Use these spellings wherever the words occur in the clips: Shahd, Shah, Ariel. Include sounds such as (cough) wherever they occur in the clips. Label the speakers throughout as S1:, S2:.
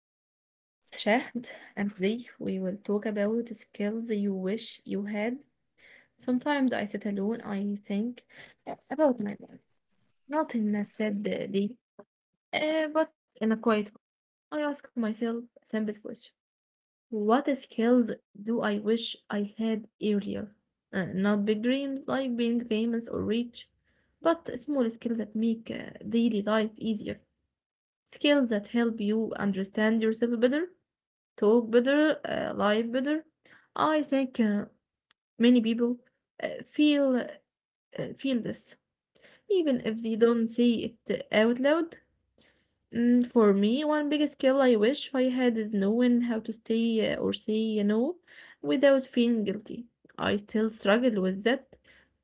S1: I'm host Shahd, and today we will talk about the skills you wish you had. Sometimes I sit alone, I think about my life, not in a sad day, but in a quiet one. I ask myself a simple question. What skills do I wish I had earlier? Not big dreams like being famous or rich, but small skills that make daily life easier. Skills that help you understand yourself better, talk better, live better. I think many people uh, feel uh, feel this, even if they don't say it out loud. For me, one big skill I wish I had is knowing how to stay or say no without feeling guilty. I still struggle with that.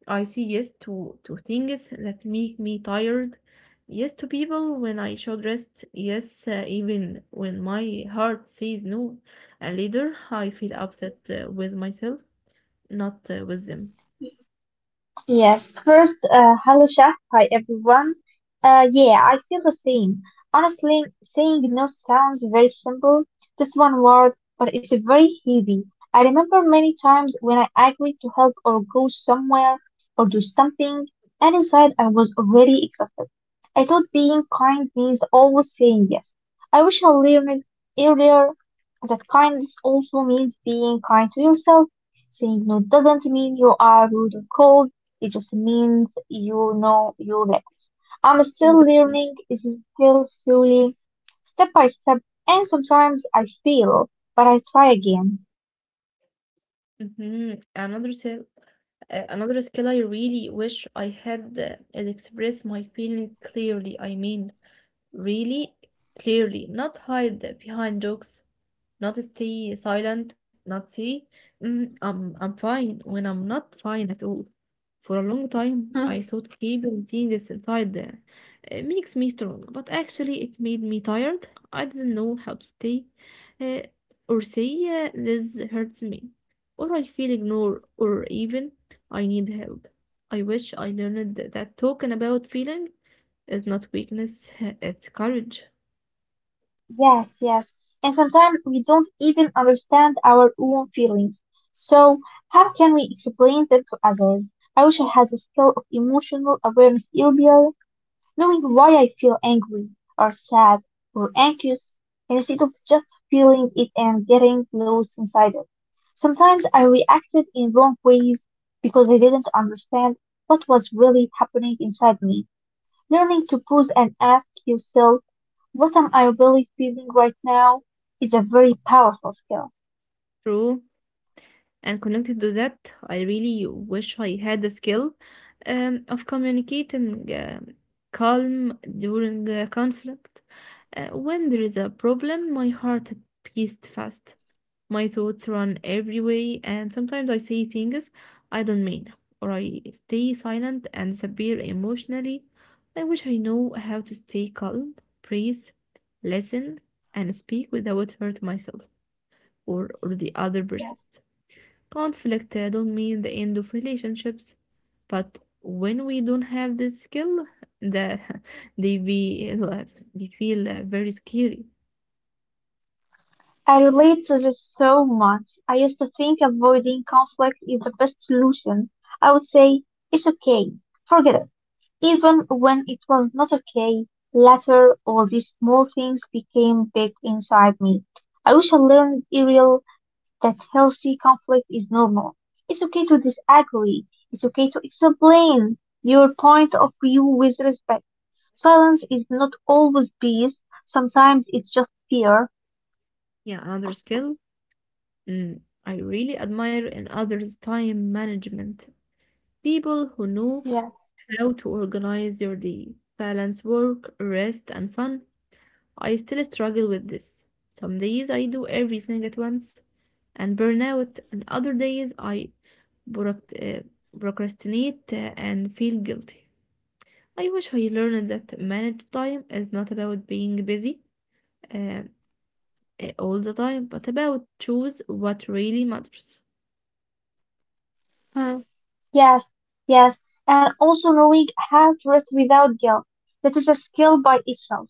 S1: I say yes to things that make me tired. Yes to people when I should rest. Yes, even when my heart says no. And later, I feel upset with myself, not with them.
S2: Yes, first, hello Shah. Hi everyone. Yeah, I feel the same. Honestly, saying no sounds very simple, just one word, but it's very heavy. I remember many times when I agreed to help or go somewhere or do something, and inside I was already exhausted. I thought being kind means always saying yes. I wish I learned earlier that kindness also means being kind to yourself. Saying no doesn't mean you are rude or cold. It just means you know your limits. I'm still
S1: Exactly.
S2: learning, it's still slowly, step by step, and sometimes I fail, but I try again.
S1: Hmm. Another skill I really wish I had is express my feeling clearly. I mean, really clearly, not hide behind jokes. Not stay silent, not say, I'm fine," when I'm not fine at all. For a long time,
S2: Hmm.
S1: I thought keeping feelings inside makes me strong, but actually it made me tired. I didn't know how to stay uh, or say this hurts me, or I feel ignored, or even I need help. I wish I learned that talking about feeling is not weakness, (laughs) it's courage.
S2: Yes, yes. And sometimes we don't even understand our own feelings. So, how can we explain them to others? I wish I had the skill of emotional awareness earlier, knowing why I feel angry or sad or anxious instead of just feeling it and getting lost inside it. Sometimes I reacted in wrong ways because I didn't understand what was really happening inside me. Learning to pause and ask yourself, what am I really feeling right now, is a very powerful skill.
S1: True. And connected to that, I really wish I had the skill of communicating calm during a conflict. When there is a problem, my heart beats fast. My thoughts run every way, and sometimes I say things I don't mean, or I stay silent and disappear emotionally. I wish I know how to stay calm, breathe, listen, and speak without hurt myself or the other person.
S2: Yes.
S1: Conflict don't mean the end of relationships, but when we don't have this skill, the (laughs) they be uh, they feel very scary.
S2: I relate to this so much. I used to think avoiding conflict is the best solution. I would say, it's okay. Forget it. Even when it was not okay, later all these small things became big inside me. I wish I learned Ariel that healthy conflict is normal. It's okay to disagree. It's okay to explain your point of view with respect. Silence is not always peace. Sometimes it's just fear.
S1: Yeah, another skill, I really admire in others' time management. People who know
S2: Yes.
S1: how to organize your day, balance work, rest, and fun. I still struggle with this. Some days I do everything at once and burn out, and other days I proc- uh, procrastinate and feel guilty. I wish I learned that manage time is not about being busy uh, all the time, but about choose what really matters.
S2: Mm. Yes. Yes. And also knowing how to rest without guilt. That is a skill by itself.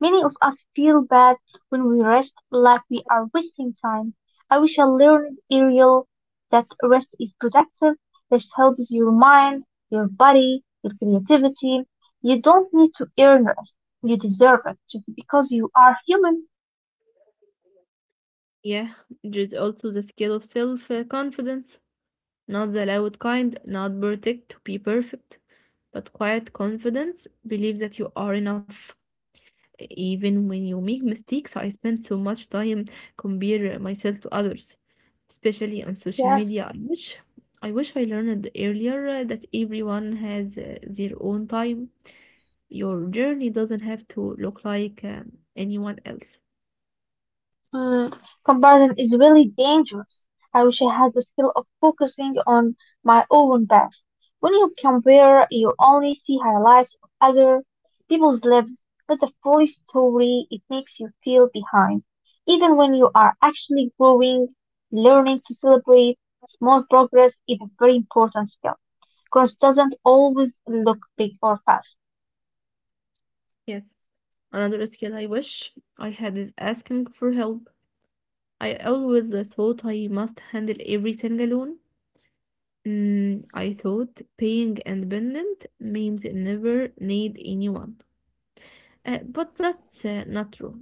S2: Many of us feel bad when we rest, like we are wasting time. I wish I learned, Ariel, that rest is productive. Rest helps your mind, your body, your creativity. You don't need to earn rest. You deserve it just because you are human.
S1: Yeah, there's also the skill of self confidence, not the loud kind, not perfect to be perfect, but quiet confidence, believe that you are enough even when you make mistakes. I spend so much time compare myself to others, especially on social
S2: Yes.
S1: media. I wish I learned earlier that everyone has their own time. Your journey doesn't have to look like anyone else.
S2: Mm, comparison is really dangerous. I wish I had the skill of focusing on my own best. When you compare, you only see highlights of other people's lives, not the full story. It makes you feel behind. Even when you are actually growing, learning to celebrate small progress is a very important skill. Growth doesn't always look big or fast.
S1: Yes. Another skill I wish I had is asking for help. I always thought I must handle everything alone. I thought being independent means never need anyone. But that's not true.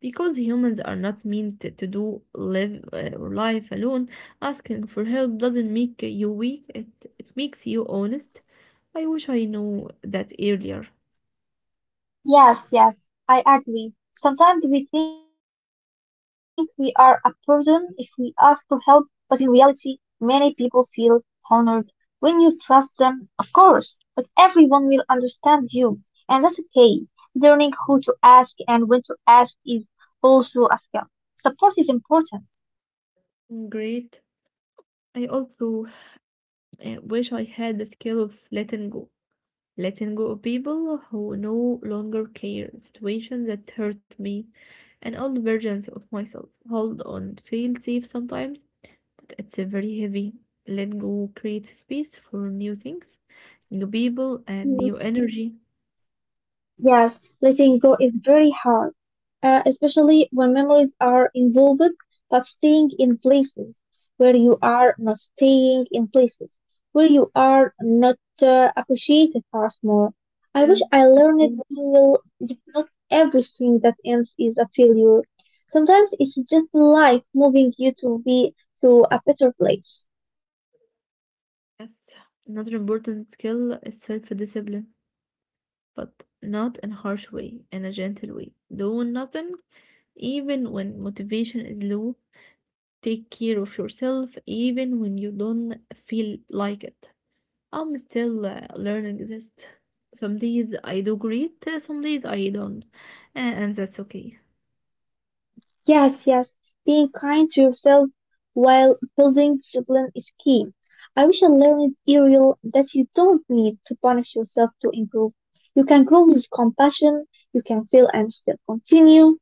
S1: Because humans are not meant to do live or life alone, asking for help doesn't make you weak, it makes you honest. I wish I knew that earlier.
S2: Yes, yes, I agree. Sometimes we think we are a burden if we ask for help, but in reality, many people feel honored when you trust them, of course, but everyone will understand you, and that's okay. Learning who to ask and when to ask is also a skill. Support is important.
S1: Great. I also wish I had the skill of letting go. Letting go of people who no longer care, situations that hurt me, and old versions of myself. Hold on, feel safe sometimes. It's a very heavy. Let go create space for new things, new people, and new energy.
S2: Yes, letting go is very hard, especially when memories are involved, but staying in places where you are not staying in places where you are not appreciated fast more. I wish
S1: Yes,
S2: I
S1: that's
S2: learned
S1: true.
S2: to that not everything that ends is a failure. Sometimes it's just life moving you to be to a better place.
S1: Yes. Another important skill is self-discipline, but not in a harsh way, in a gentle way. Do nothing even when motivation is low. Take care of yourself even when you don't feel like it. I'm still learning this. Some days I do great, some days I don't, and that's okay.
S2: Yes, yes. Being kind to yourself while building discipline is key. I wish I learned, Ariel, that you don't need to punish yourself to improve. You can grow with compassion, you can fail and still continue,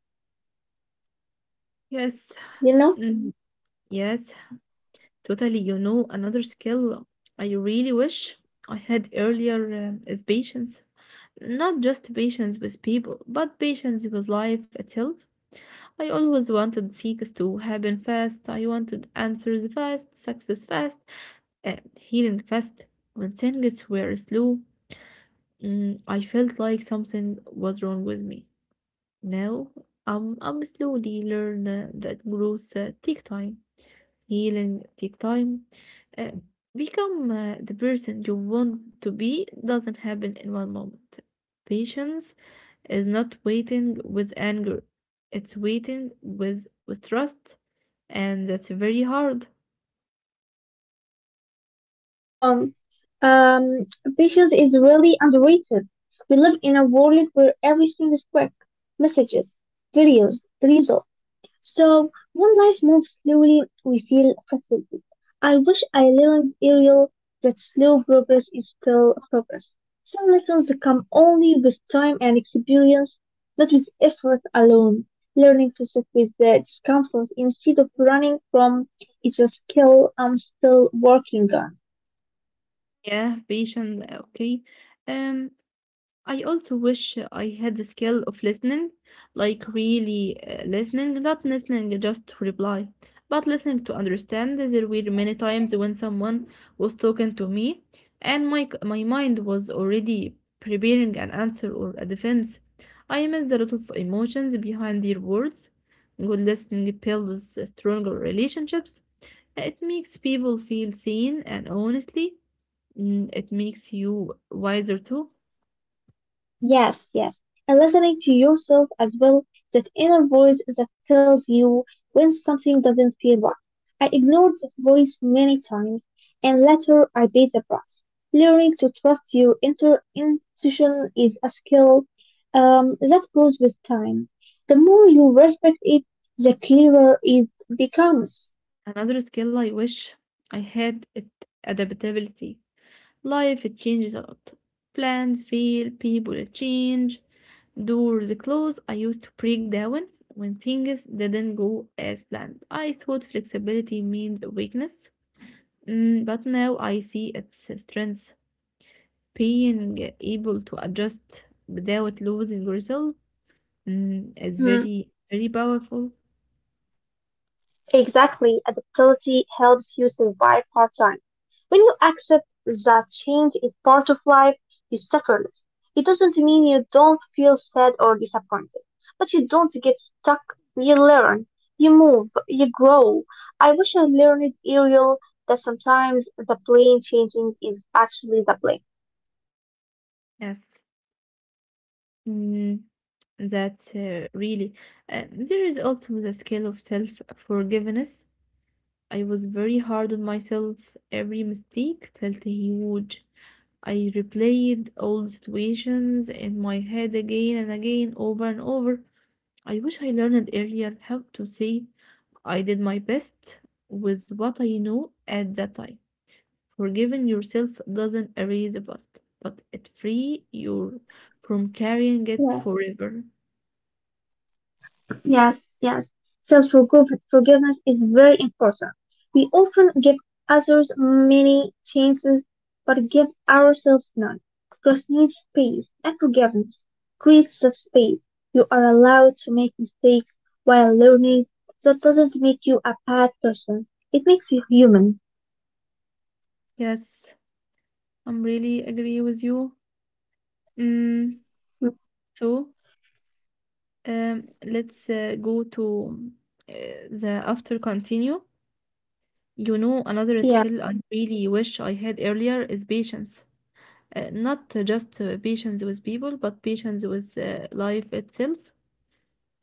S1: Yes.
S2: you know?
S1: Mhm. Yes, totally. You know, another skill I really wish I had earlier is patience. Not just patience with people, but patience with life itself. I always wanted things to happen fast. I wanted answers fast, success fast, and healing fast. When things were slow, I felt like something was wrong with me. Now, I'm slowly learn that growth take time, healing take time. Uh, Become the person you want to be doesn't happen in one moment. Patience is not waiting with anger; it's waiting with trust, and that's very hard.
S2: Um, um, patience is really underrated. We live in a world where everything is quick. Messages, videos, results. So when life moves slowly, we feel frustrated. I wish I learned earlier that slow progress is still progress. Some lessons come only with time and experience, not with effort alone. Learning to sit with the discomfort instead of running from is a skill I'm still working on.
S1: Yeah, patience. Okay, um, I also wish I had the skill of listening, like really listening, not listening just to reply, but listening to understand. There were many times when someone was talking to me, and my mind was already preparing an answer or a defense. I missed a lot of emotions behind their words. Good listening builds stronger relationships. It makes people feel seen, and honestly, it makes you wiser too.
S2: Yes, yes. And listening to yourself as well, that inner voice that tells you when something doesn't feel right. I ignored that voice many times, and later I paid the price. Learning to trust your inner intuition is a skill that grows with time. The more you respect it, the clearer it becomes.
S1: Another skill I wish I had is adaptability. Life it changes a lot. Plans fail, people change, doors close. I used to break down when things didn't go as planned. I thought flexibility means weakness, mm, but now I see its strength. Being able to adjust without losing yourself, is
S2: Hmm.
S1: very, very powerful.
S2: Exactly, adaptability helps you survive hard times. When you accept that change is part of life, you suffer less. It doesn't mean you don't feel sad or disappointed, but you don't get stuck. You learn, you move, you grow. I wish I learned, Ariel, that sometimes the plane changing is actually the plane.
S1: Yes. Mm, that really, there is also the scale of self-forgiveness. I was very hard on myself. Every mistake felt huge. I replayed old situations in my head again and again, over and over. I wish I learned earlier how to say I did my best with what I know at that time. Forgiving yourself doesn't erase the past, but it free you from carrying it
S2: Yeah.
S1: forever.
S2: Yes, yes. Self forgiveness is very important. We often give others many chances, but give ourselves none. Trust needs space, and forgiveness creates that space. You are allowed to make mistakes while learning. That doesn't make you a bad person. It makes you human.
S1: Yes. I'm really agree with you. Mm,
S2: Mm.
S1: so let's go to uh, the after continue. You know, another
S2: Yes.
S1: skill I really wish I had earlier is patience. Not just patience with people, but patience with life itself.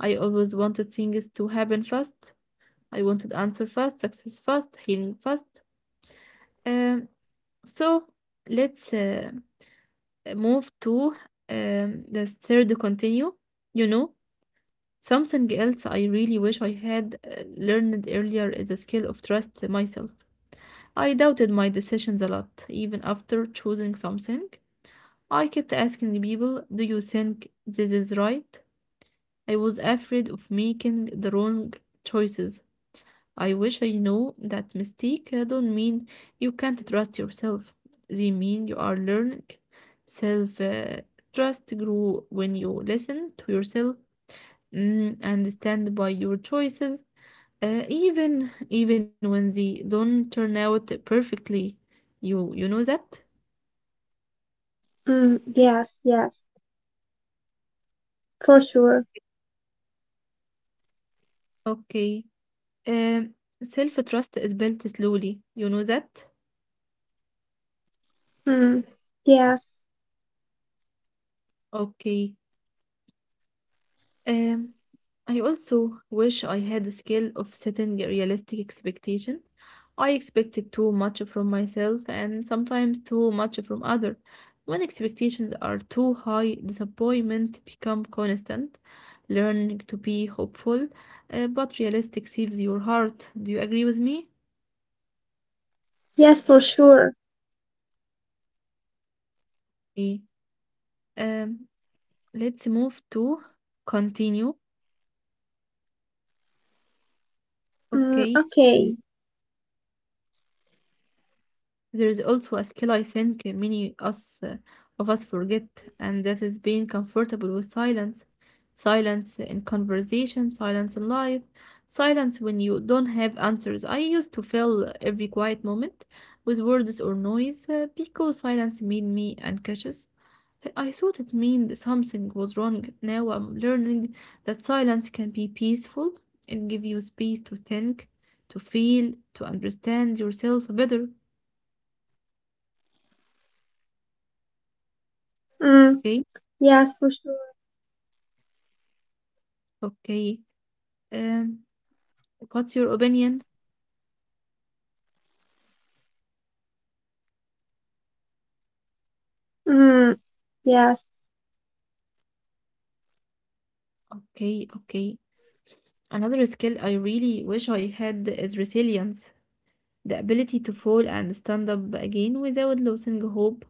S1: I always wanted things to happen fast. I wanted answer fast, success fast, healing fast. Um, so let's move to the third continue. You know, something else I really wish I had learned earlier is the skill of trust myself. I doubted my decisions a lot, even after choosing something. I kept asking people, "Do you think this is right?" I was afraid of making the wrong choices. I wish I knew that mistake don't mean you can't trust yourself. They mean you are learning. Self trust grew when you listen to yourself, and stand by your choices, even when they don't turn out perfectly, you know that?
S2: Mm, yes, yes, for sure.
S1: Okay. Um, self-trust is built slowly. You know that?
S2: Mm, yes,
S1: Okay. Um, I also wish I had the skill of setting a realistic expectation. I expected too much from myself and sometimes too much from other. When expectations are too high, disappointment become constant. Learning to be hopeful, but realistic saves your heart. Do you agree with me?
S2: yes, for sure.
S1: Okay. Um, let's move to continue.
S2: Mm,
S1: Okay.
S2: okay.
S1: Um, there is also a skill I think many us of us forget, and that is being comfortable with silence. Silence in conversation, silence in life, silence when you don't have answers. I used to fill every quiet moment with words or noise because silence made me unconscious. I thought it meant something was wrong. Now I'm learning that silence can be peaceful and give you space to think, to feel, to understand yourself better.
S2: Mm,
S1: Okay?
S2: yes, for sure.
S1: Okay. Um, what's your opinion?
S2: Mm, yes.
S1: Okay, okay. Another skill I really wish I had is resilience, the ability to fall and stand up again without losing hope.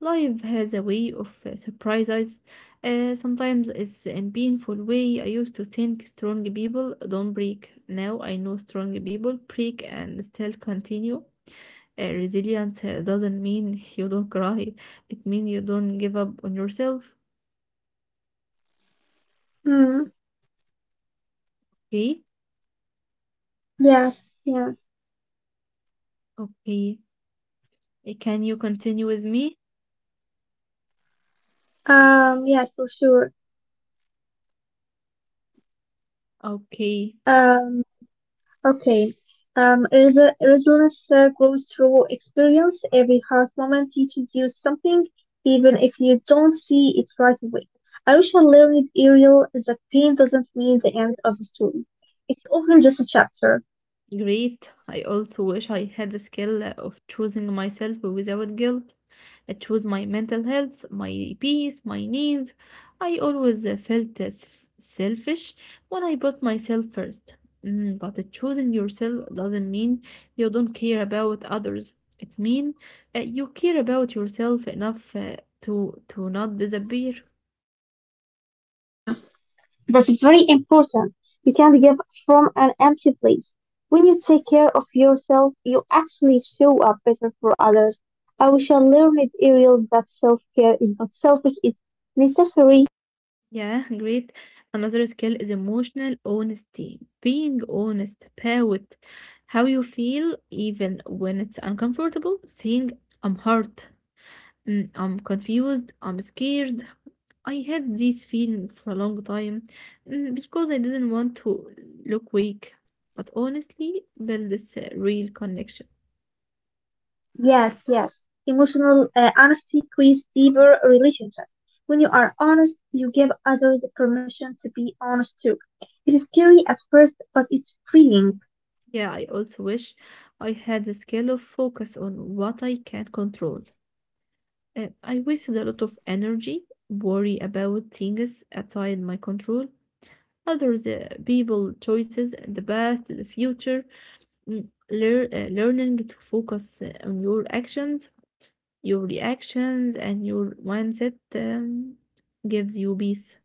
S1: Life has a way of surprises. Sometimes it's in painful way. I used to think strong people don't break. Now I know strong people break and still continue. Resilience doesn't mean you don't cry. It means you don't give up on yourself.
S2: Mm,
S1: Okay.
S2: yes. Yes.
S1: Okay. Eh, can you continue with me?
S2: Yes, for sure.
S1: Okay,
S2: Um, okay. Resilience grows through experience. Every hard moment teaches you something, even if you don't see it right away. I wish I learned, Ariel, that pain doesn't mean the end of the story. It's often just a chapter.
S1: great. I also wish I had the skill of choosing myself without guilt. I choose my mental health, my peace, my needs. I always felt as selfish when I put myself first. But choosing yourself doesn't mean you don't care about others. It means you care about yourself enough to not disappear.
S2: Hmm. That's very important. You can't give from an empty place. When you take care of yourself, you actually show up better for others. I wish I learned Ariel, that self care is not selfish, it's necessary.
S1: Yeah, great. Another skill is emotional honesty. Being honest about how you feel, even when it's uncomfortable, saying, I'm hurt, mm, I'm confused, I'm scared. I had this feeling for a long time, because I didn't want to look weak. But honestly, build this real connection.
S2: Yes, yes. Emotional honesty creates deeper relationships. When you are honest, you give others the permission to be honest too. It is scary at first, but it's freeing.
S1: Yeah, I also wish I had the skill of focus on what I can control. I wasted a lot of energy, worry about things outside my control, others, people, choices, the past, the future. Learning to focus on your actions, your reactions, and your mindset gives you peace.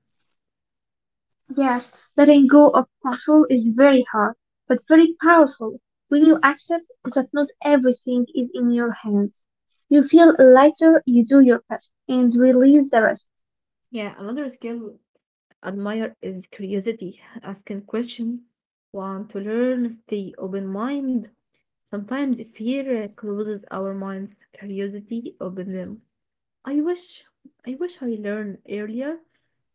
S2: Yes, letting go of control is very hard, but very powerful when you accept that not everything is in your hands. You feel lighter, you do your best, and release the rest.
S1: Yeah, another skill admire is curiosity, asking question, want to learn, stay open mind. Sometimes fear closes our minds, curiosity opens them. I wish I wish I learned earlier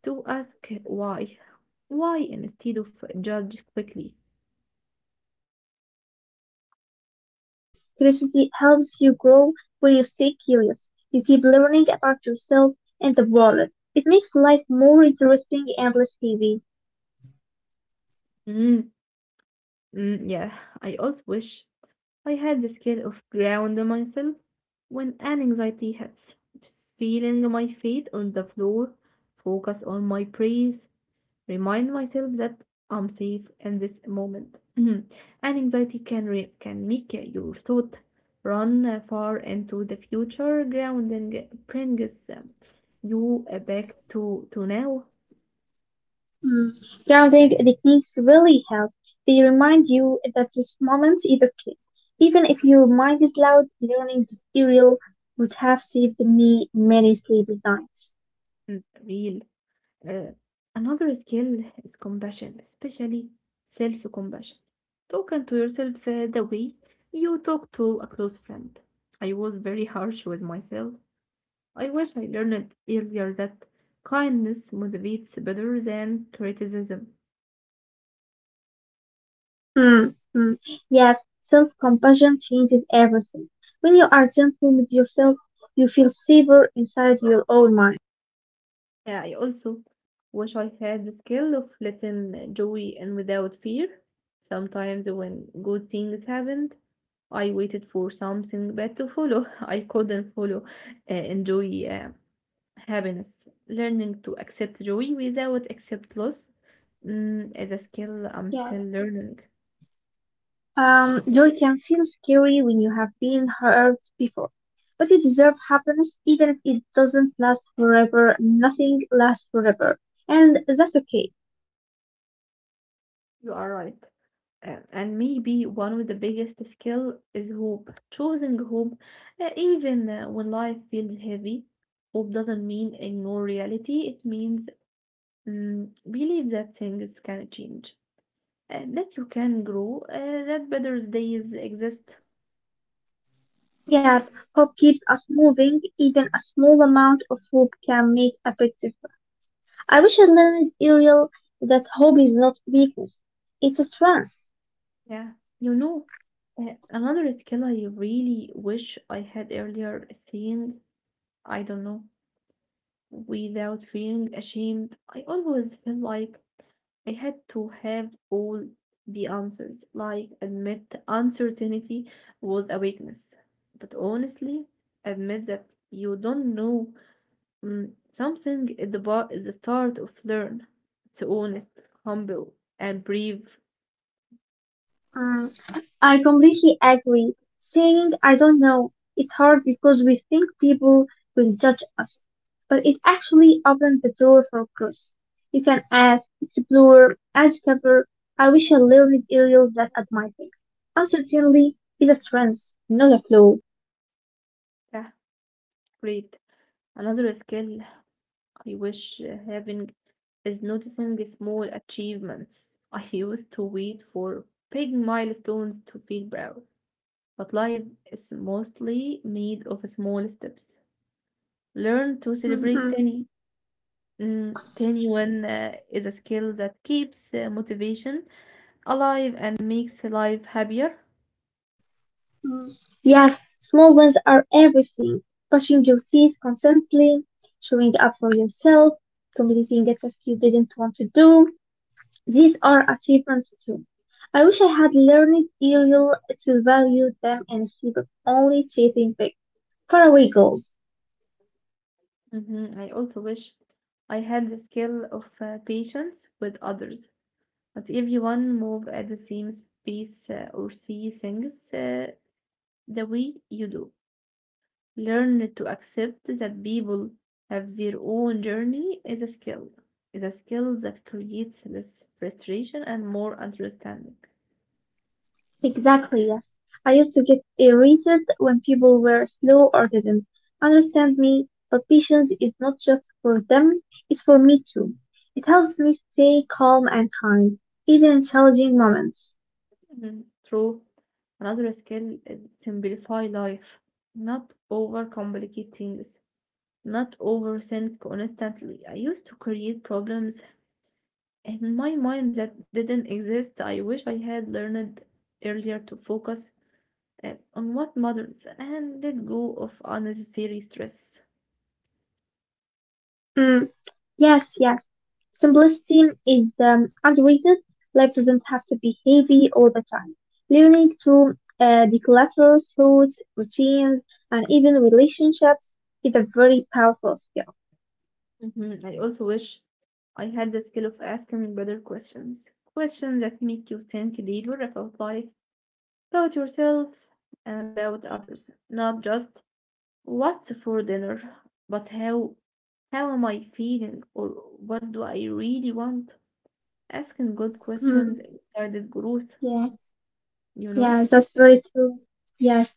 S1: to ask why. Why instead of judge quickly.
S2: Yes, curiosity helps you grow when you stay curious. You keep learning about yourself and the world. It makes life more interesting and less heavy.
S1: Mm, yeah, I also wish I had the skill of grounding myself when an anxiety hits. Feeling my feet on the floor, focus on my breath, remind myself that I'm safe in this moment. (clears throat) Mhm. And anxiety can make your thought run far into the future. Grounding brings you back to now.
S2: Mm. Grounding techniques really help. They remind you that this moment is okay. Even if your mind is loud, learning this serial would have saved me many sleepless nights.
S1: Mm, real. Uh, Another skill is compassion, especially self compassion. Talking to yourself the way you talk to a close friend. I was very harsh with myself. I wish I learned earlier that kindness motivates better than criticism.
S2: Hmm, hmm. Yes, self-compassion changes everything. When you are gentle with yourself, you feel safer inside your own mind.
S1: Yeah, I also wish I had the skill of letting joy in without fear. Sometimes when good things happened, I waited for something bad to follow. (laughs) I couldn't follow enjoy happiness. Learning to accept joy without accept loss is a skill I'm
S2: Yes.
S1: still learning.
S2: Joy can feel scary when you have been hurt before, but you deserve happiness even if it doesn't last forever. Nothing lasts forever, and that's okay.
S1: You are right. And maybe one of the biggest skill is hope. Choosing hope, even when life feels heavy, hope doesn't mean ignore reality. It means believe that things can change, that you can grow, that better days exist.
S2: Yeah, hope keeps us moving. Even a small amount of hope can make a big difference. I wish I learned earlier that hope is not weakness; it's a strength.
S1: Yeah, you know. Another skill I really wish I had earlier is saying, I don't know, without feeling ashamed. I always feel like I had to have all the answers. Like, admit uncertainty was a weakness. But honestly, admit that you don't know something at the bar is the start of learn. It's honest, humble, and brave.
S2: Mm, I completely agree. Saying I don't know is hard because we think people will judge us, but it actually opens the door for growth. You can ask, explore, discover. I wish I learned areas that at my thing. Uncertainty is a strength, not a flaw.
S1: Yeah, great. Another skill I wish having is noticing the small achievements. I used to wait for big milestones to feel proud. But life is mostly made of small steps. Learn to celebrate
S2: Mhm.
S1: tiny. Tiny win is a skill that keeps motivation alive and makes life happier.
S2: Mm. Yes, small wins are everything. Brushing your teeth constantly, showing up for yourself, completing the task you didn't want to do, these are achievements too. I wish I had learned earlier to value them instead of only chasing big, faraway goals.
S1: Mhm. I also wish I had the skill of patience with others. Not everyone move at the same pace or see things the way you do. Learn to accept that people have their own journey is a skill that creates less frustration and more understanding.
S2: Exactly, yes. I used to get irritated when people were slow or didn't understand me, but patience is not just for them, it's for me too. It helps me stay calm and kind, even in challenging moments.
S1: Mhm. True. Another skill is simplify life, not overcomplicate things, not overthink constantly. I used to create problems in my mind that didn't exist. I wish I had learned earlier to focus on what matters and let go of unnecessary stress.
S2: Mm, yes, yes. Simplicity is underrated. Life doesn't have to be heavy all the time. Learning to declutter thoughts, routines, and even relationships is a very powerful skill.
S1: Mhm. I also wish I had the skill of asking better questions, questions that make you think deeper about life, about yourself, and about others, not just what's for dinner, but how am I feeling, or what do I really want? Asking good
S2: Mm,
S1: questions guided growth,
S2: yeah,
S1: you know?
S2: yeah, that's very true. Yes,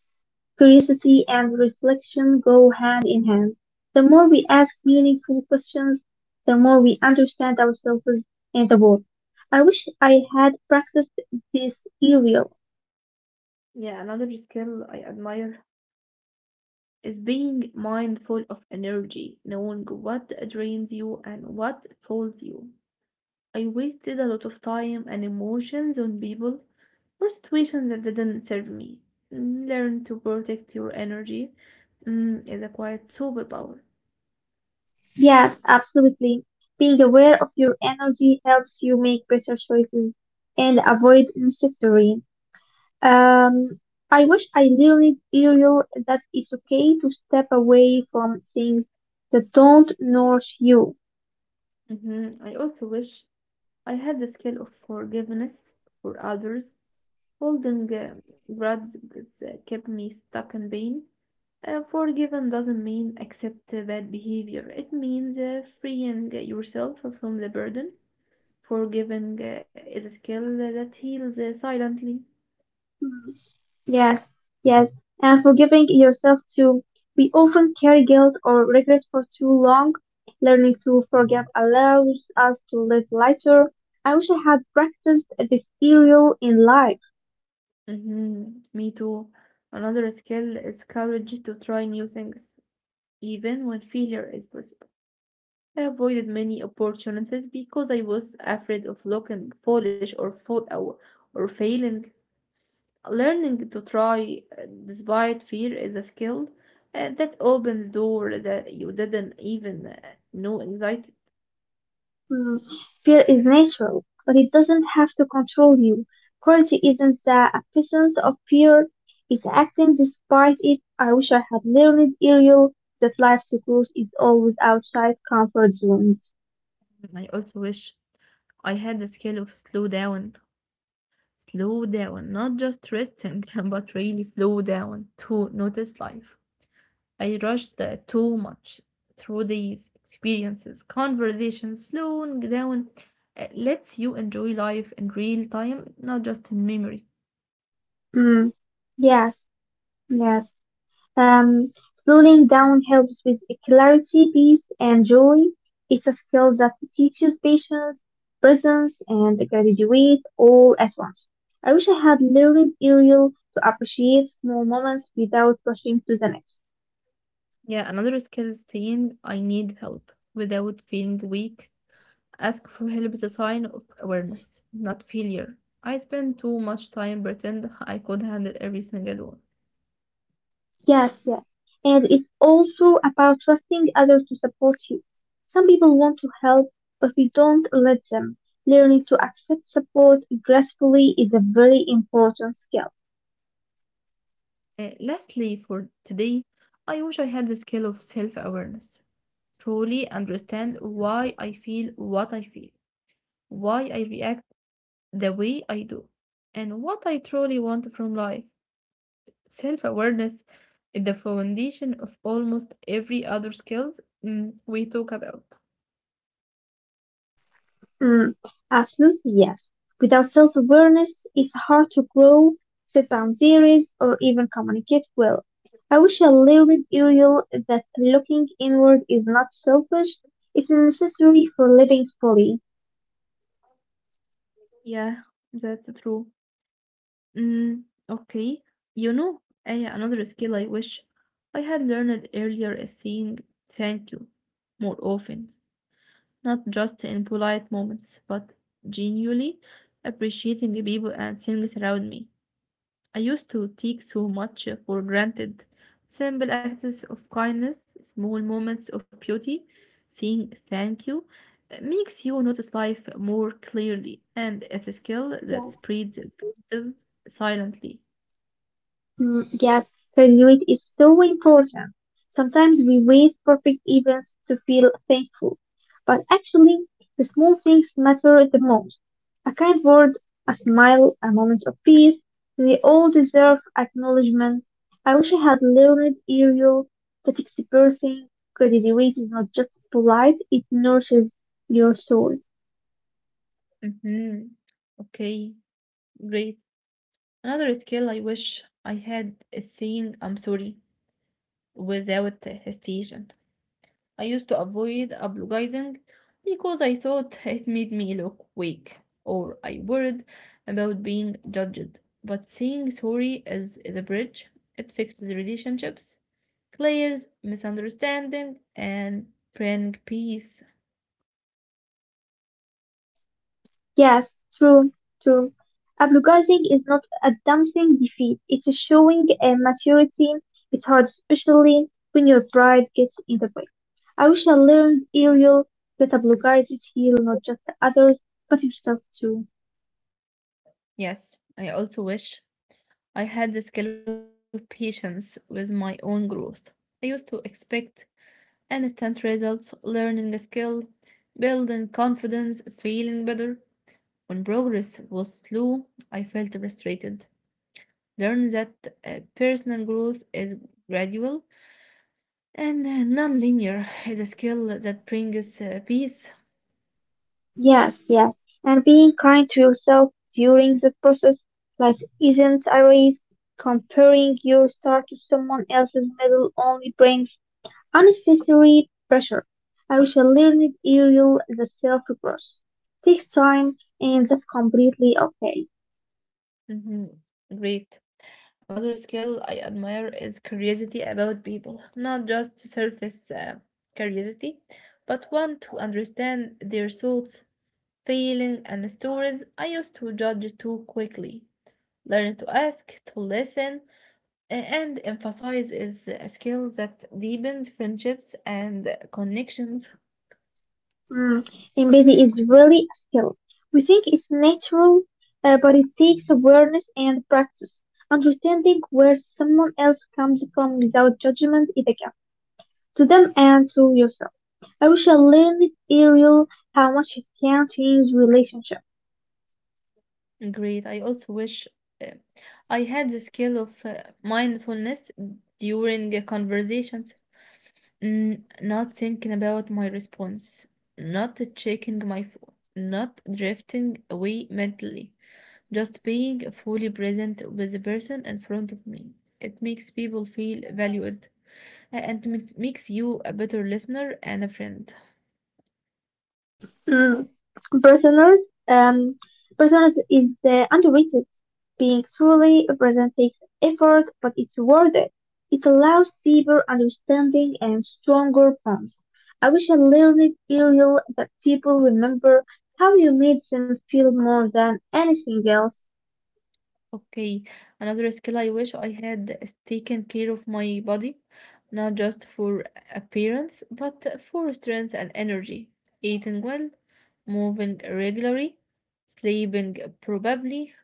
S2: curiosity and reflection go hand in hand. The more we ask meaningful questions, the more we understand ourselves and the world. I wish I had practiced this earlier.
S1: Yeah, another skill I admire is being mindful of energy, knowing what drains you and what folds you. I wasted a lot of time and emotions on people or situations that didn't serve me. Learn to protect your energy is a quite superpower.
S2: Yes, absolutely. Being aware of your energy helps you make better choices and avoid unnecessary. Um, I wish I learned earlier that it's okay to step away from things that don't nourish you.
S1: Mhm. I also wish I had the skill of forgiveness for others. Holding grudges kept me stuck in pain. Forgiven doesn't mean accept bad behavior. It means freeing yourself from the burden. Forgiving is a skill that heals silently.
S2: Hmm. Yes, yes, and forgiving yourself too. We often carry guilt or regret for too long. Learning to forgive allows us to live lighter. I wish I had practiced this earlier in life.
S1: Mhm. Me too. Another skill is courage to try new things, even when failure is possible. I avoided many opportunities because I was afraid of looking foolish or failing. Learning to try despite fear is a skill that opens doors that you didn't even know existed.
S2: Hmm. Fear is natural, but it doesn't have to control you. Courage isn't the absence of fear, it's acting despite it. I wish I had learned earlier that life's growth is always outside comfort zones.
S1: I also wish I had the skill of slow down. Slow down, not just resting, (laughs) but really slow down to notice life. I rushed too much through these experiences. Conversations slowing down lets you enjoy life in real time, not just in memory.
S2: Mm. Yes, yes. Um, slowing down helps with clarity, peace, and joy. It's a skill that teaches patience, presence, and gratitude all at once. I wish I had learned earlier to appreciate small moments without rushing to the next.
S1: Yeah, another skill is saying I need help without feeling weak. Ask for help is a sign of awareness, not failure. I spend too much time pretend I could handle everything alone.
S2: Yes, yes. And it's also about trusting others to support you. Some people want to help, but we don't let them. Learning to accept support gracefully is a very important skill.
S1: Lastly, for today, I wish I had the skill of self awareness, truly understand why I feel what I feel, why I react the way I do, and what I truly want from life. Self awareness is the foundation of almost every other skills we talk about.
S2: Mm, absolutely, yes. Without self-awareness, it's hard to grow, set boundaries, or even communicate well. I wish I learned earlier that looking inward is not selfish, it's necessary for living fully.
S1: Yeah, that's true. Mm, okay, you know, another skill I wish I had learned earlier is saying thank you more often, not just in polite moments, but genuinely appreciating the people and things around me. I used to take so much for granted. Simple acts of kindness, small moments of beauty, saying thank you, makes you notice life more clearly, and it's a skill that spreads positive silently.
S2: Mm, yes, continuity is so important. Sometimes we wait for big events to feel thankful, but actually, the small things matter the most. A kind word, a smile, a moment of peace, they all deserve acknowledgement. I wish I had learned earlier that expressing gratitude is not just polite, it nurtures your soul.
S1: Hmm. Okay, great. Another skill I wish I had is saying I'm sorry without hesitation. I used to avoid apologizing because I thought it made me look weak, or I worried about being judged. But saying sorry is a bridge. It fixes relationships, clears misunderstanding, and bring peace.
S2: Yes, true, true. Apologizing is not admitting defeat. It's showing maturity. It's hard, especially when your pride gets in the way. I wish I learned earlier that apologizes heal not just others, but yourself too.
S1: Yes, I also wish I had the skill of patience with my own growth. I used to expect instant results, learning a skill, building confidence, feeling better. When progress was slow, I felt frustrated. Learn that personal growth is gradual and non-linear (laughs) is a skill that brings peace.
S2: Yes, yes. And being kind to yourself during the process, life isn't a race. Comparing your start to someone else's medal only brings unnecessary pressure. I shall learn it, Ariel, the self growth takes time and that's completely okay.
S1: Mhm. Great. Another skill I admire is curiosity about people, not just surface curiosity, but one to understand their thoughts, feelings, and stories. I used to judge too quickly. Learn to ask, to listen, and emphasize is a skill that deepens friendships and connections.
S2: Mm. Empathy is really a skill. We think it's natural, but it takes awareness and practice. Understanding where someone else comes from without judgment is a gift to them and to yourself. I wish I learned it early. How much it can change relationships.
S1: Great. I also wish uh, I had the skill of mindfulness during conversations, not thinking about my response, not checking my phone, not drifting away mentally, just being fully present with the person in front of me. It makes people feel valued and makes you a better listener and a friend.
S2: Personas, um, personas is the underrated. Being truly present takes effort, but it's worth it. It allows deeper understanding and stronger bonds. I wish I learned earlier that people remember how you made them feel more than anything else.
S1: Okay, another skill I wish I had is taking care of my body, not just for appearance, but for strength and energy. Eating well, moving regularly, sleeping probably.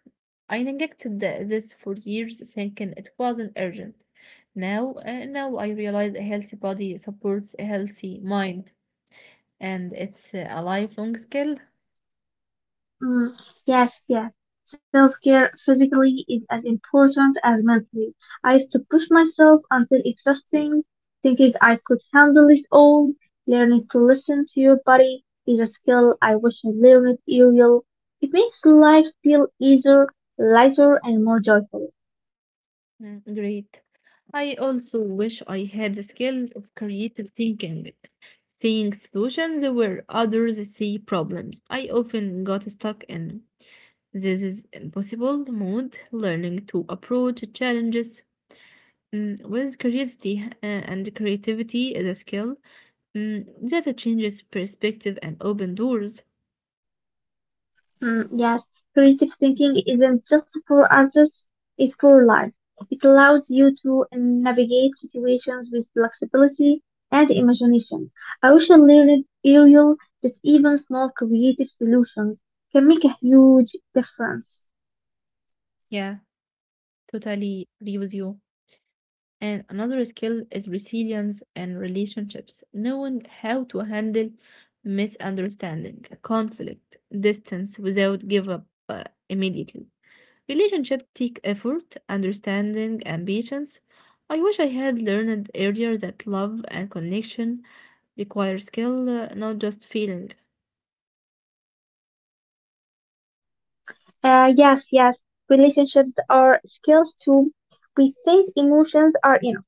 S1: I neglected this for years, thinking it wasn't urgent. Now I realize a healthy body supports a healthy mind, and it's a lifelong skill.
S2: Mm, yes, yes. Self care physically is as important as mentally. I used to push myself until exhausting, thinking I could handle it all. Learning to listen to your body is a skill I wish I learned earlier. It makes life feel easier, lighter, and more joyful.
S1: Mm, great. I also wish I had the skill of creative thinking, seeing solutions where others see problems. I often got stuck in this is impossible mode, learning to approach challenges with curiosity and creativity is a skill that changes perspective and open doors.
S2: Mm, yes, creative thinking isn't just for artists, it's for life. It allows you to navigate situations with flexibility and imagination. I also learned, Ariel, that even small creative solutions can make a huge difference.
S1: Yeah, totally agree with you. And another skill is resilience and relationships, knowing how to handle misunderstanding, conflict, distance without give up immediately. Relationships take effort, understanding, and patience. I wish I had learned earlier that love and connection require skill, not just feeling.
S2: Yes, yes, relationships are skills too. We think emotions are enough.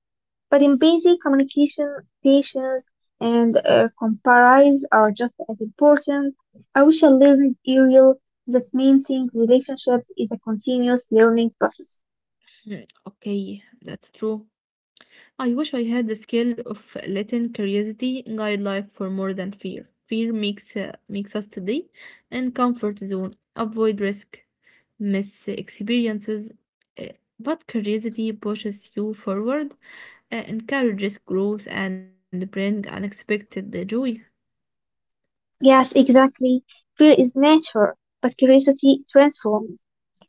S2: But in basic communication, patience and compromise are just as important. I wish I learned earlier that maintaining relationships is a continuous learning process.
S1: Hmm. Okay, that's true. I wish I had the skill of letting curiosity guide life for more than fear. Fear makes us today in comfort zone, avoid risk, miss experiences, uh, but curiosity pushes you forward, encourages growth, and bring unexpected joy.
S2: Yes, exactly. Fear is natural, but curiosity transforms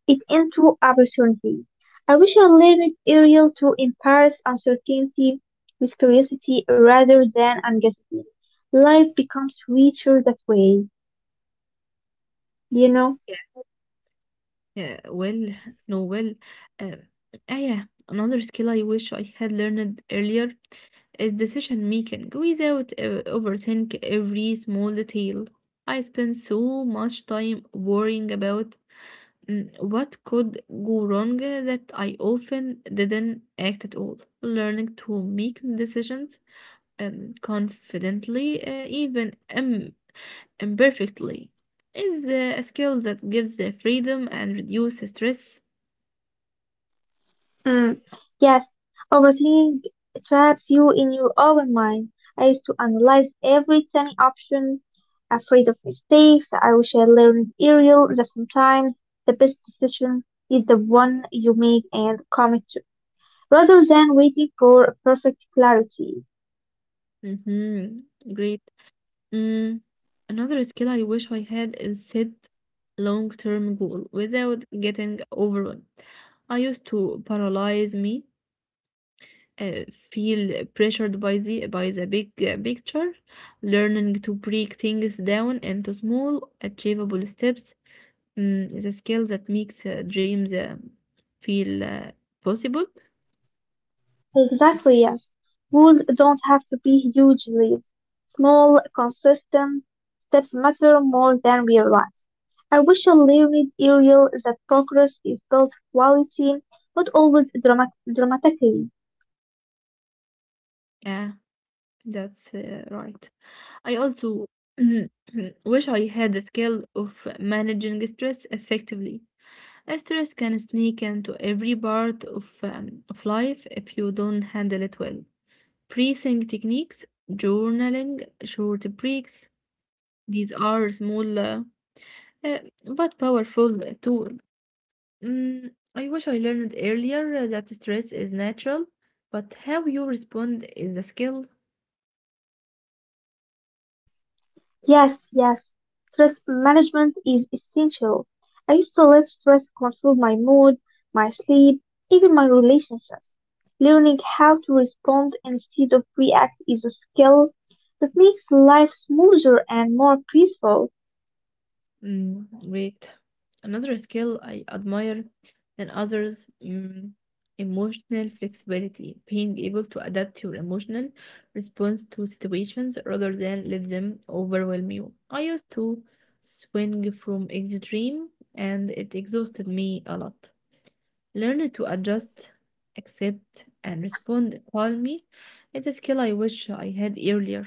S2: it into opportunity. I wish I learned earlier to embrace uncertainty with curiosity rather than anxiety. Life becomes richer that way, you know?
S1: Yeah, yeah, well, no, well, uh, ah, Yeah, another skill I wish I had learned earlier is decision making without overthink every small detail. I spend so much time worrying about what could go wrong that I often didn't act at all. Learning to make decisions confidently, even imperfectly, is a skill that gives the freedom and reduces stress.
S2: Mm, yes, overthinking traps you in your own mind. I used to analyze every tiny option, afraid of mistakes. I wish I learned earlier that sometimes the best decision is the one you make and commit to, rather than waiting for perfect clarity.
S1: Hmm. Great. Mm, Another skill I wish I had is set long-term goal without getting overwhelmed. I used to paralyze me, uh, feel pressured by the big picture. Learning to break things down into small, achievable steps is a skill that makes dreams feel possible.
S2: Exactly, yes. Rules don't have to be huge leaps. Small, consistent steps matter more than we realize. I wish I learned earlier that progress is built quality, not always dramatically.
S1: Yeah, that's right. I also (clears throat) wish I had the skill of managing stress effectively. Stress can sneak into every part of life if you don't handle it well. Breathing techniques, journaling, short breaks, these are small uh, but powerful tool. I wish I learned earlier that stress is natural, but how you respond is a skill.
S2: Yes, yes. Stress management is essential. I used to let stress control my mood, my sleep, even my relationships. Learning how to respond instead of react is a skill that makes life smoother and more peaceful.
S1: Mm, great. Another skill I admire in others, emotional flexibility, being able to adapt your emotional response to situations rather than let them overwhelm you. I used to swing from extreme and it exhausted me a lot. Learning to adjust, accept, and respond calmly is a skill I wish I had earlier.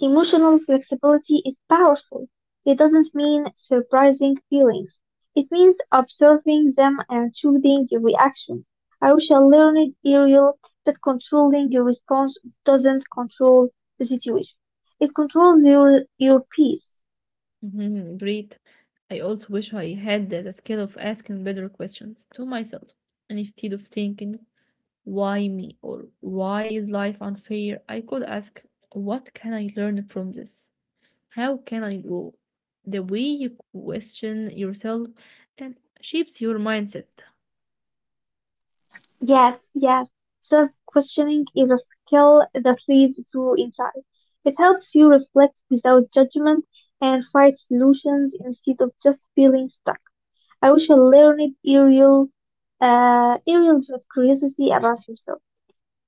S2: Emotional flexibility is powerful. It doesn't mean surprising feelings. It means observing them and choosing your reaction. I wish I learned, Ariel, that controlling your response doesn't control the situation. It controls your peace.
S1: Mhm. Great. I also wish I had the skill of asking better questions to myself. And instead of thinking, why me or why is life unfair, I could ask, what can I learn from this? How can I grow? The way you question yourself and shapes your mindset.
S2: Yes, yes. Self-questioning is a skill that leads to insight. It helps you reflect without judgment and find solutions instead of just feeling stuck. I wish I learned, Ariel. Ariel's curiosity about herself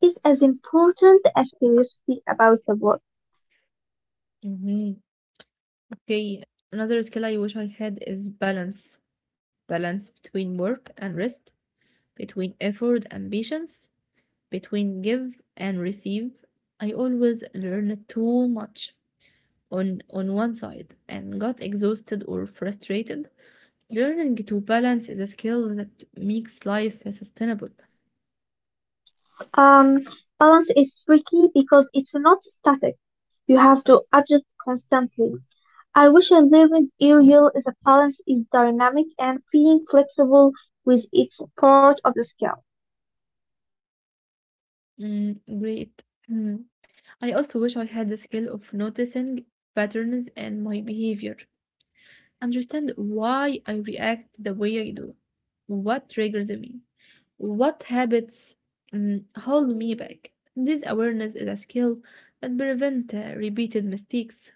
S2: is as important as curiosity about the world.
S1: hmm Okay, another skill I wish I had is balance. Balance between work and rest, between effort and patience between give and receive, I always learned too much on one side and got exhausted or frustrated. Learning to balance is a skill that makes life sustainable.
S2: Um, Balance is tricky because it's not static. You have to adjust constantly. I wish I learned, Ariel, is a balance is dynamic and being flexible with its part of the scale.
S1: Mm, great. Mm. I also wish I had the skill of noticing patterns in my behavior understand why I react the way I do, what triggers me, what habits hold me back. This awareness is a skill that prevents repeated mistakes.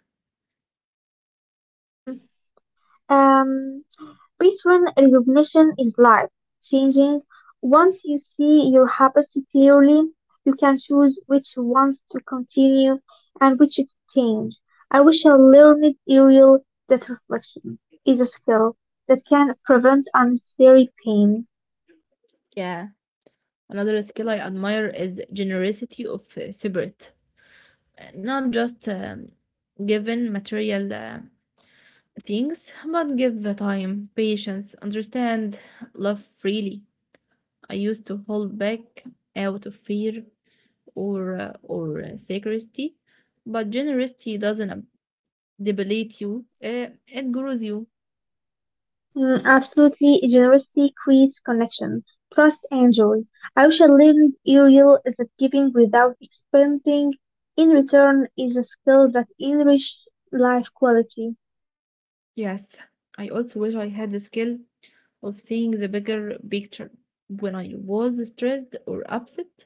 S2: Um, Patron recognition is life-changing. Once you see your habits clearly, you can choose which ones to continue and which to change. I wish I learned earlier that reflection is a skill that can prevent unnecessary pain.
S1: Yeah, another skill I admire is generosity of spirit. Not just given material things, but give the time, patience, understand, love freely. I used to hold back out of fear or secrecy, but generosity doesn't debilite you. It grows you.
S2: Mm, absolutely, generosity creates connection, trust, and joy. I wish I learned earlier that giving without expecting in return is a skill that enriches life quality.
S1: Yes, I also wish I had the skill of seeing the bigger picture. When I was stressed or upset,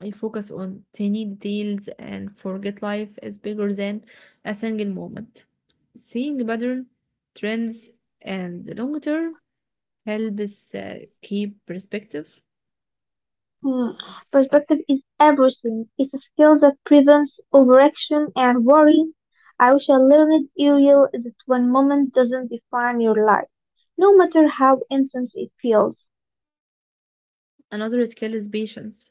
S1: I focus on tiny details and forget life is bigger than a single moment. Seeing pattern, trends, and the long term helps keep perspective.
S2: Hmm, perspective is everything. It's a skill that prevents overaction and worry. I wish I learned, Ariel, that one moment doesn't define your life, no matter how intense it feels.
S1: Another skill is patience.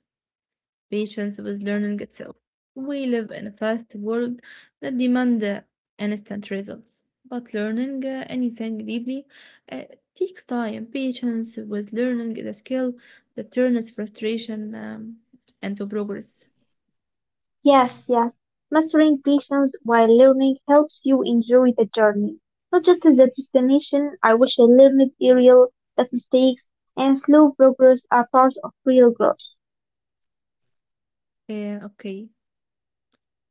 S1: Patience with learning itself. We live in a fast world that demands instant results. But learning anything deeply uh, takes time. Patience with learning is a skill that turns frustration into progress.
S2: Yes, yes. Mastering patience while learning helps you enjoy the journey, not just the destination. I wish I learned, Ariel, that mistakes and slow progress are part of real growth.
S1: Okay.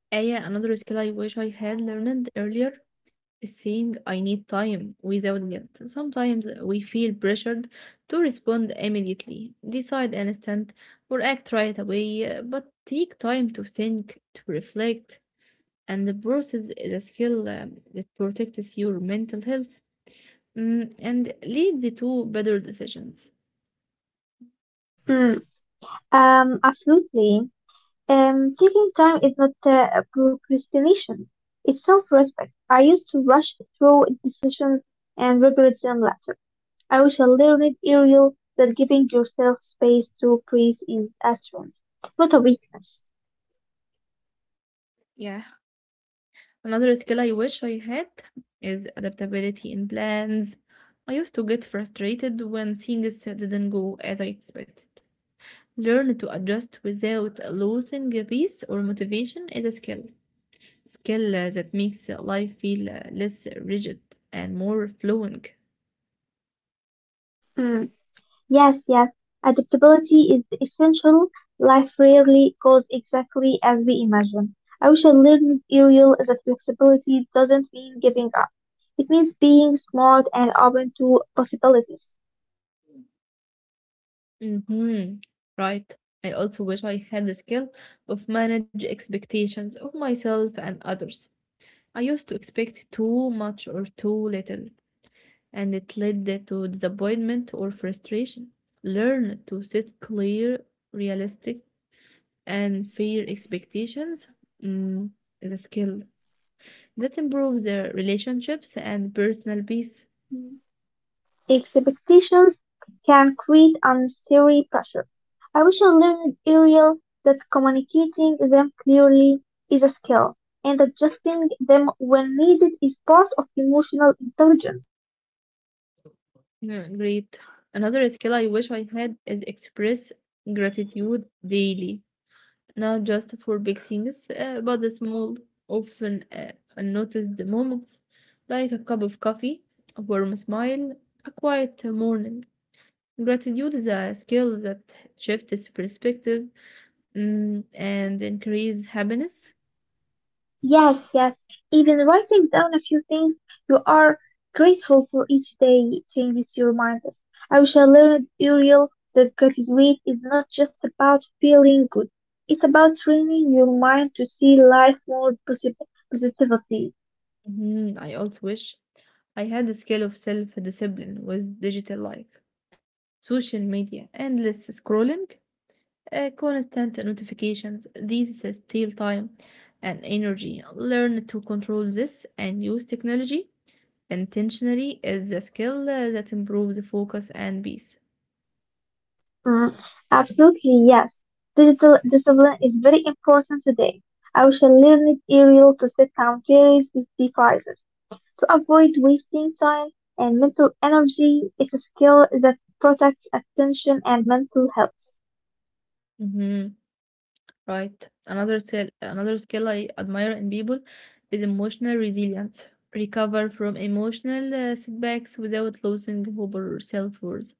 S1: Aya, another skill I wish I had learned earlier saying I need time without guilt. Sometimes we feel pressured to respond immediately, decide instant, or act right away, but take time to think, to reflect, and the process is a skill that protects your mental health and leads to better decisions.
S2: Hmm, absolutely. Taking time is not procrastination. It's self-respect. I used to rush through decisions and regret them later. I wish I learned earlier that giving yourself space to breathe is a strength, not a weakness.
S1: Yeah. Another skill I wish I had is adaptability in plans. I used to get frustrated when things didn't go as I expected. Learn to adjust without losing your peace or motivation is a skill. Skill that makes life feel less rigid and more flowing.
S2: Mm. Yes, yes. Adaptability is essential. Life rarely goes exactly as we imagine. I wish I learned earlier that flexibility doesn't mean giving up. It means being smart and open to possibilities.
S1: Mm-hmm. Right. I also wish I had the skill of manage expectations of myself and others. I used to expect too much or too little, and it led to disappointment or frustration. Learn to set clear, realistic, and fair expectations mm, is a skill that improves their relationships and personal peace.
S2: Hmm. Expectations can create unnecessary pressure. I wish I learned earlier that communicating them clearly is a skill, and adjusting them when needed is part of emotional intelligence.
S1: Yeah, great. Another skill I wish I had is express gratitude daily, not just for big things, but the small, often unnoticed moments, like a cup of coffee, a warm smile, a quiet morning. Gratitude is a skill that shifts perspective and increases happiness.
S2: Yes, yes, even writing down a few things you are grateful for each day changes your mindset. I wish I learned earlier that gratitude is not just about feeling good. It's about training your mind to see life more positively.
S1: Mhm. I also wish I had a scale of self-discipline with digital life, social media, endless scrolling, constant notifications. These steal time and energy. Learn to control this and use technology intentionally is a skill that improves focus and peace.
S2: Mm, absolutely, yes. Digital discipline is very important today. I shall learn it, aerial, to set boundaries with devices, to avoid wasting time and mental energy. It's a skill that protects attention and mental health.
S1: hmm Right. Another skill I admire in people is emotional resilience. Recover from emotional setbacks without losing hope or self-worth.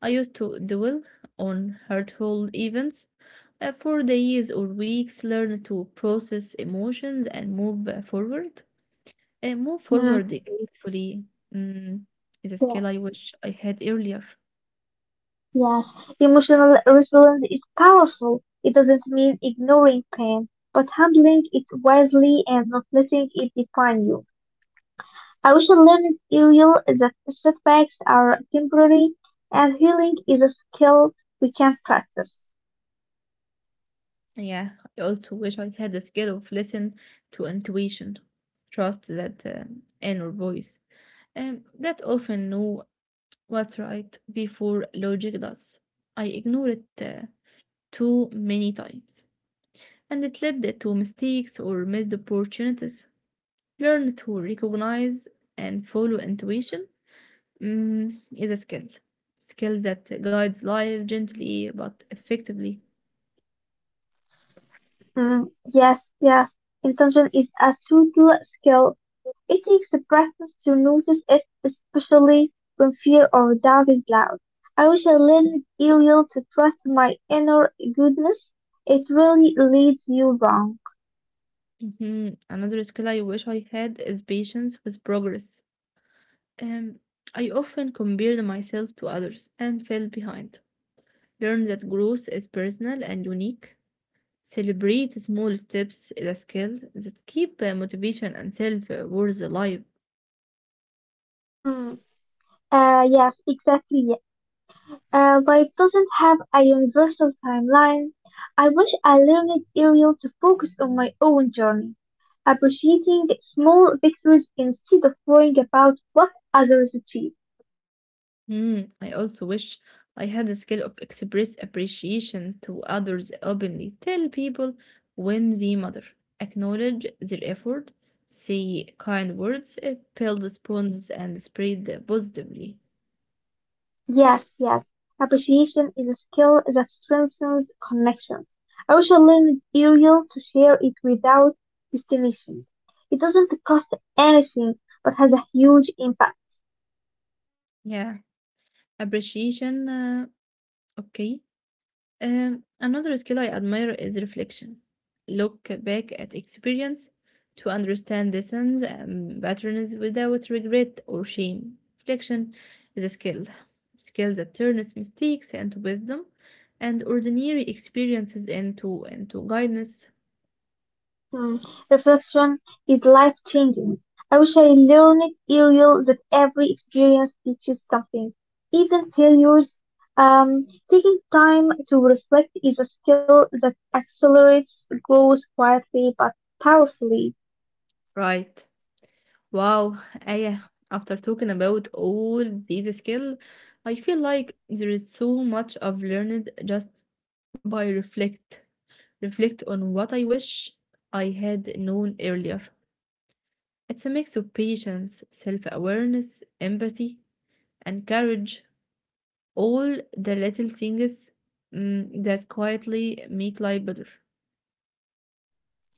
S1: I used to dwell on hurtful events for days or weeks, learn to process emotions and move forward. And move
S2: Mm,
S1: forward gracefully mm, is a
S2: yeah,
S1: skill I wish I had earlier.
S2: yes. Emotional resilience is powerful. It doesn't mean ignoring pain, but handling it wisely and not letting it define you. I also learned early that setbacks are temporary and healing is a skill we can practice.
S1: Yeah, I also wish I had the skill of listen to intuition, trust that inner voice, that often know what's right before logic does. I ignore it too many times, and it led to mistakes or missed opportunities. Learn to recognize and follow intuition is a skill, that guides life gently but effectively.
S2: Mm, yes, yes. Intention is a total skill. It takes practice to notice it, especially when fear or doubt is loud. I wish I learned early to trust my inner goodness. It really leads you wrong.
S1: Mhm. Another skill I wish I had is patience with progress. Um, I often compare myself to others and fell behind. Learn that growth is personal and unique. Celebrate small steps is a skill that keep motivation and self-worth alive.
S2: Mm, yes, exactly. But it doesn't have a universal timeline. I wish I learned it earlier to focus on my own journey, appreciating small victories instead of worrying about what others achieve.
S1: Hmm. I also wish I had the skill of express appreciation to others openly. Tell people when they matter, acknowledge their effort, say kind words, it builds bonds and spread positively.
S2: Yes, yes, appreciation is a skill that strengthens connections. I wish I learned it earlier to share it without destination. It doesn't cost anything but has a huge impact.
S1: Yeah, appreciation. Okay. Another skill I admire is reflection. Look back at experience to understand lessons and patterns without regret or shame. Reflection is a skill, that turns mistakes into wisdom and ordinary experiences into guidance.
S2: Hmm. Reflection is life changing. I wish I learned earlier that every experience teaches something. Even failures, taking time to reflect is a skill that accelerates growth quietly but powerfully.
S1: Right. Wow, Aya, after talking about all these skills, I feel like there is so much I've learned just by reflect on what I wish I had known earlier. It's a mix of patience, self awareness, empathy, and courage, all the little things that quietly make life better.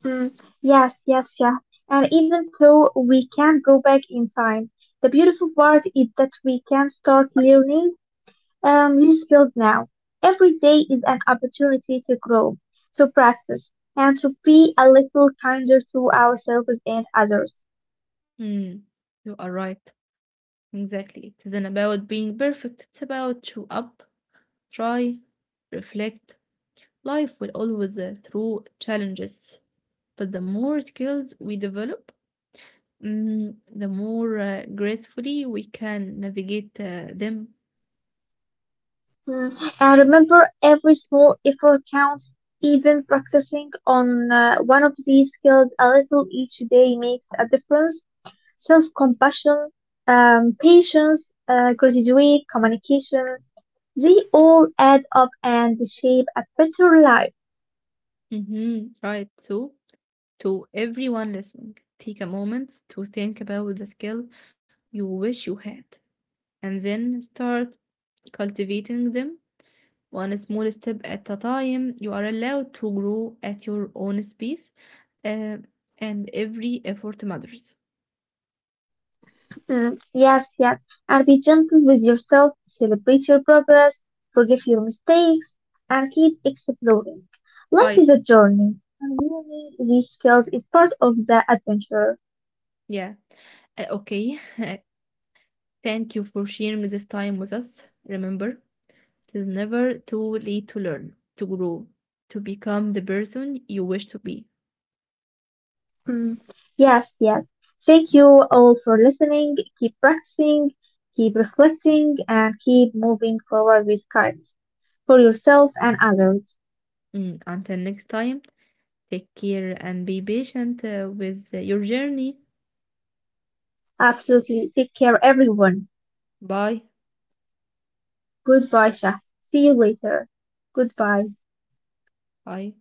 S2: Hmm. Yes, yes, yeah. And even though we can't go back in time, the beautiful part is that we can start learning. I am new skills now. Every day is an opportunity to grow, to practice, and to be a little kinder to ourselves and others.
S1: Mm, you are right. Exactly. It isn't about being perfect, it's about show up, try, reflect. Life will always throw challenges, but the more skills we develop, the more gracefully we can navigate them.
S2: Mm, and remember, every small effort counts. Even practicing on one of these skills a little each day makes a difference. Self-compassion, patience, gratitude, communication, they all add up and shape a better life.
S1: Right. So, to everyone listening, take a moment to think about the skill you wish you had and then start cultivating them one small step at a time. You are allowed to grow at your own pace, uh, and every effort matters.
S2: Mm, yes, yes. And be gentle with yourself, celebrate your progress, forgive your mistakes, and keep exploring. Life is a
S1: Right.
S2: journey, and learning these skills is part of the adventure.
S1: Yeah. Okay. (laughs) Thank you for sharing this time with us. Remember, it is never too late to learn, to grow, to become the person you wish to be.
S2: Mm, yes, yes. Thank you all for listening. Keep practicing, keep reflecting, and keep moving forward with kindness for yourself and others.
S1: Mm, until next time, take care and be patient with your journey.
S2: Absolutely. Take care, everyone.
S1: Bye.
S2: Goodbye, Shah. See you later. Goodbye.
S1: Bye.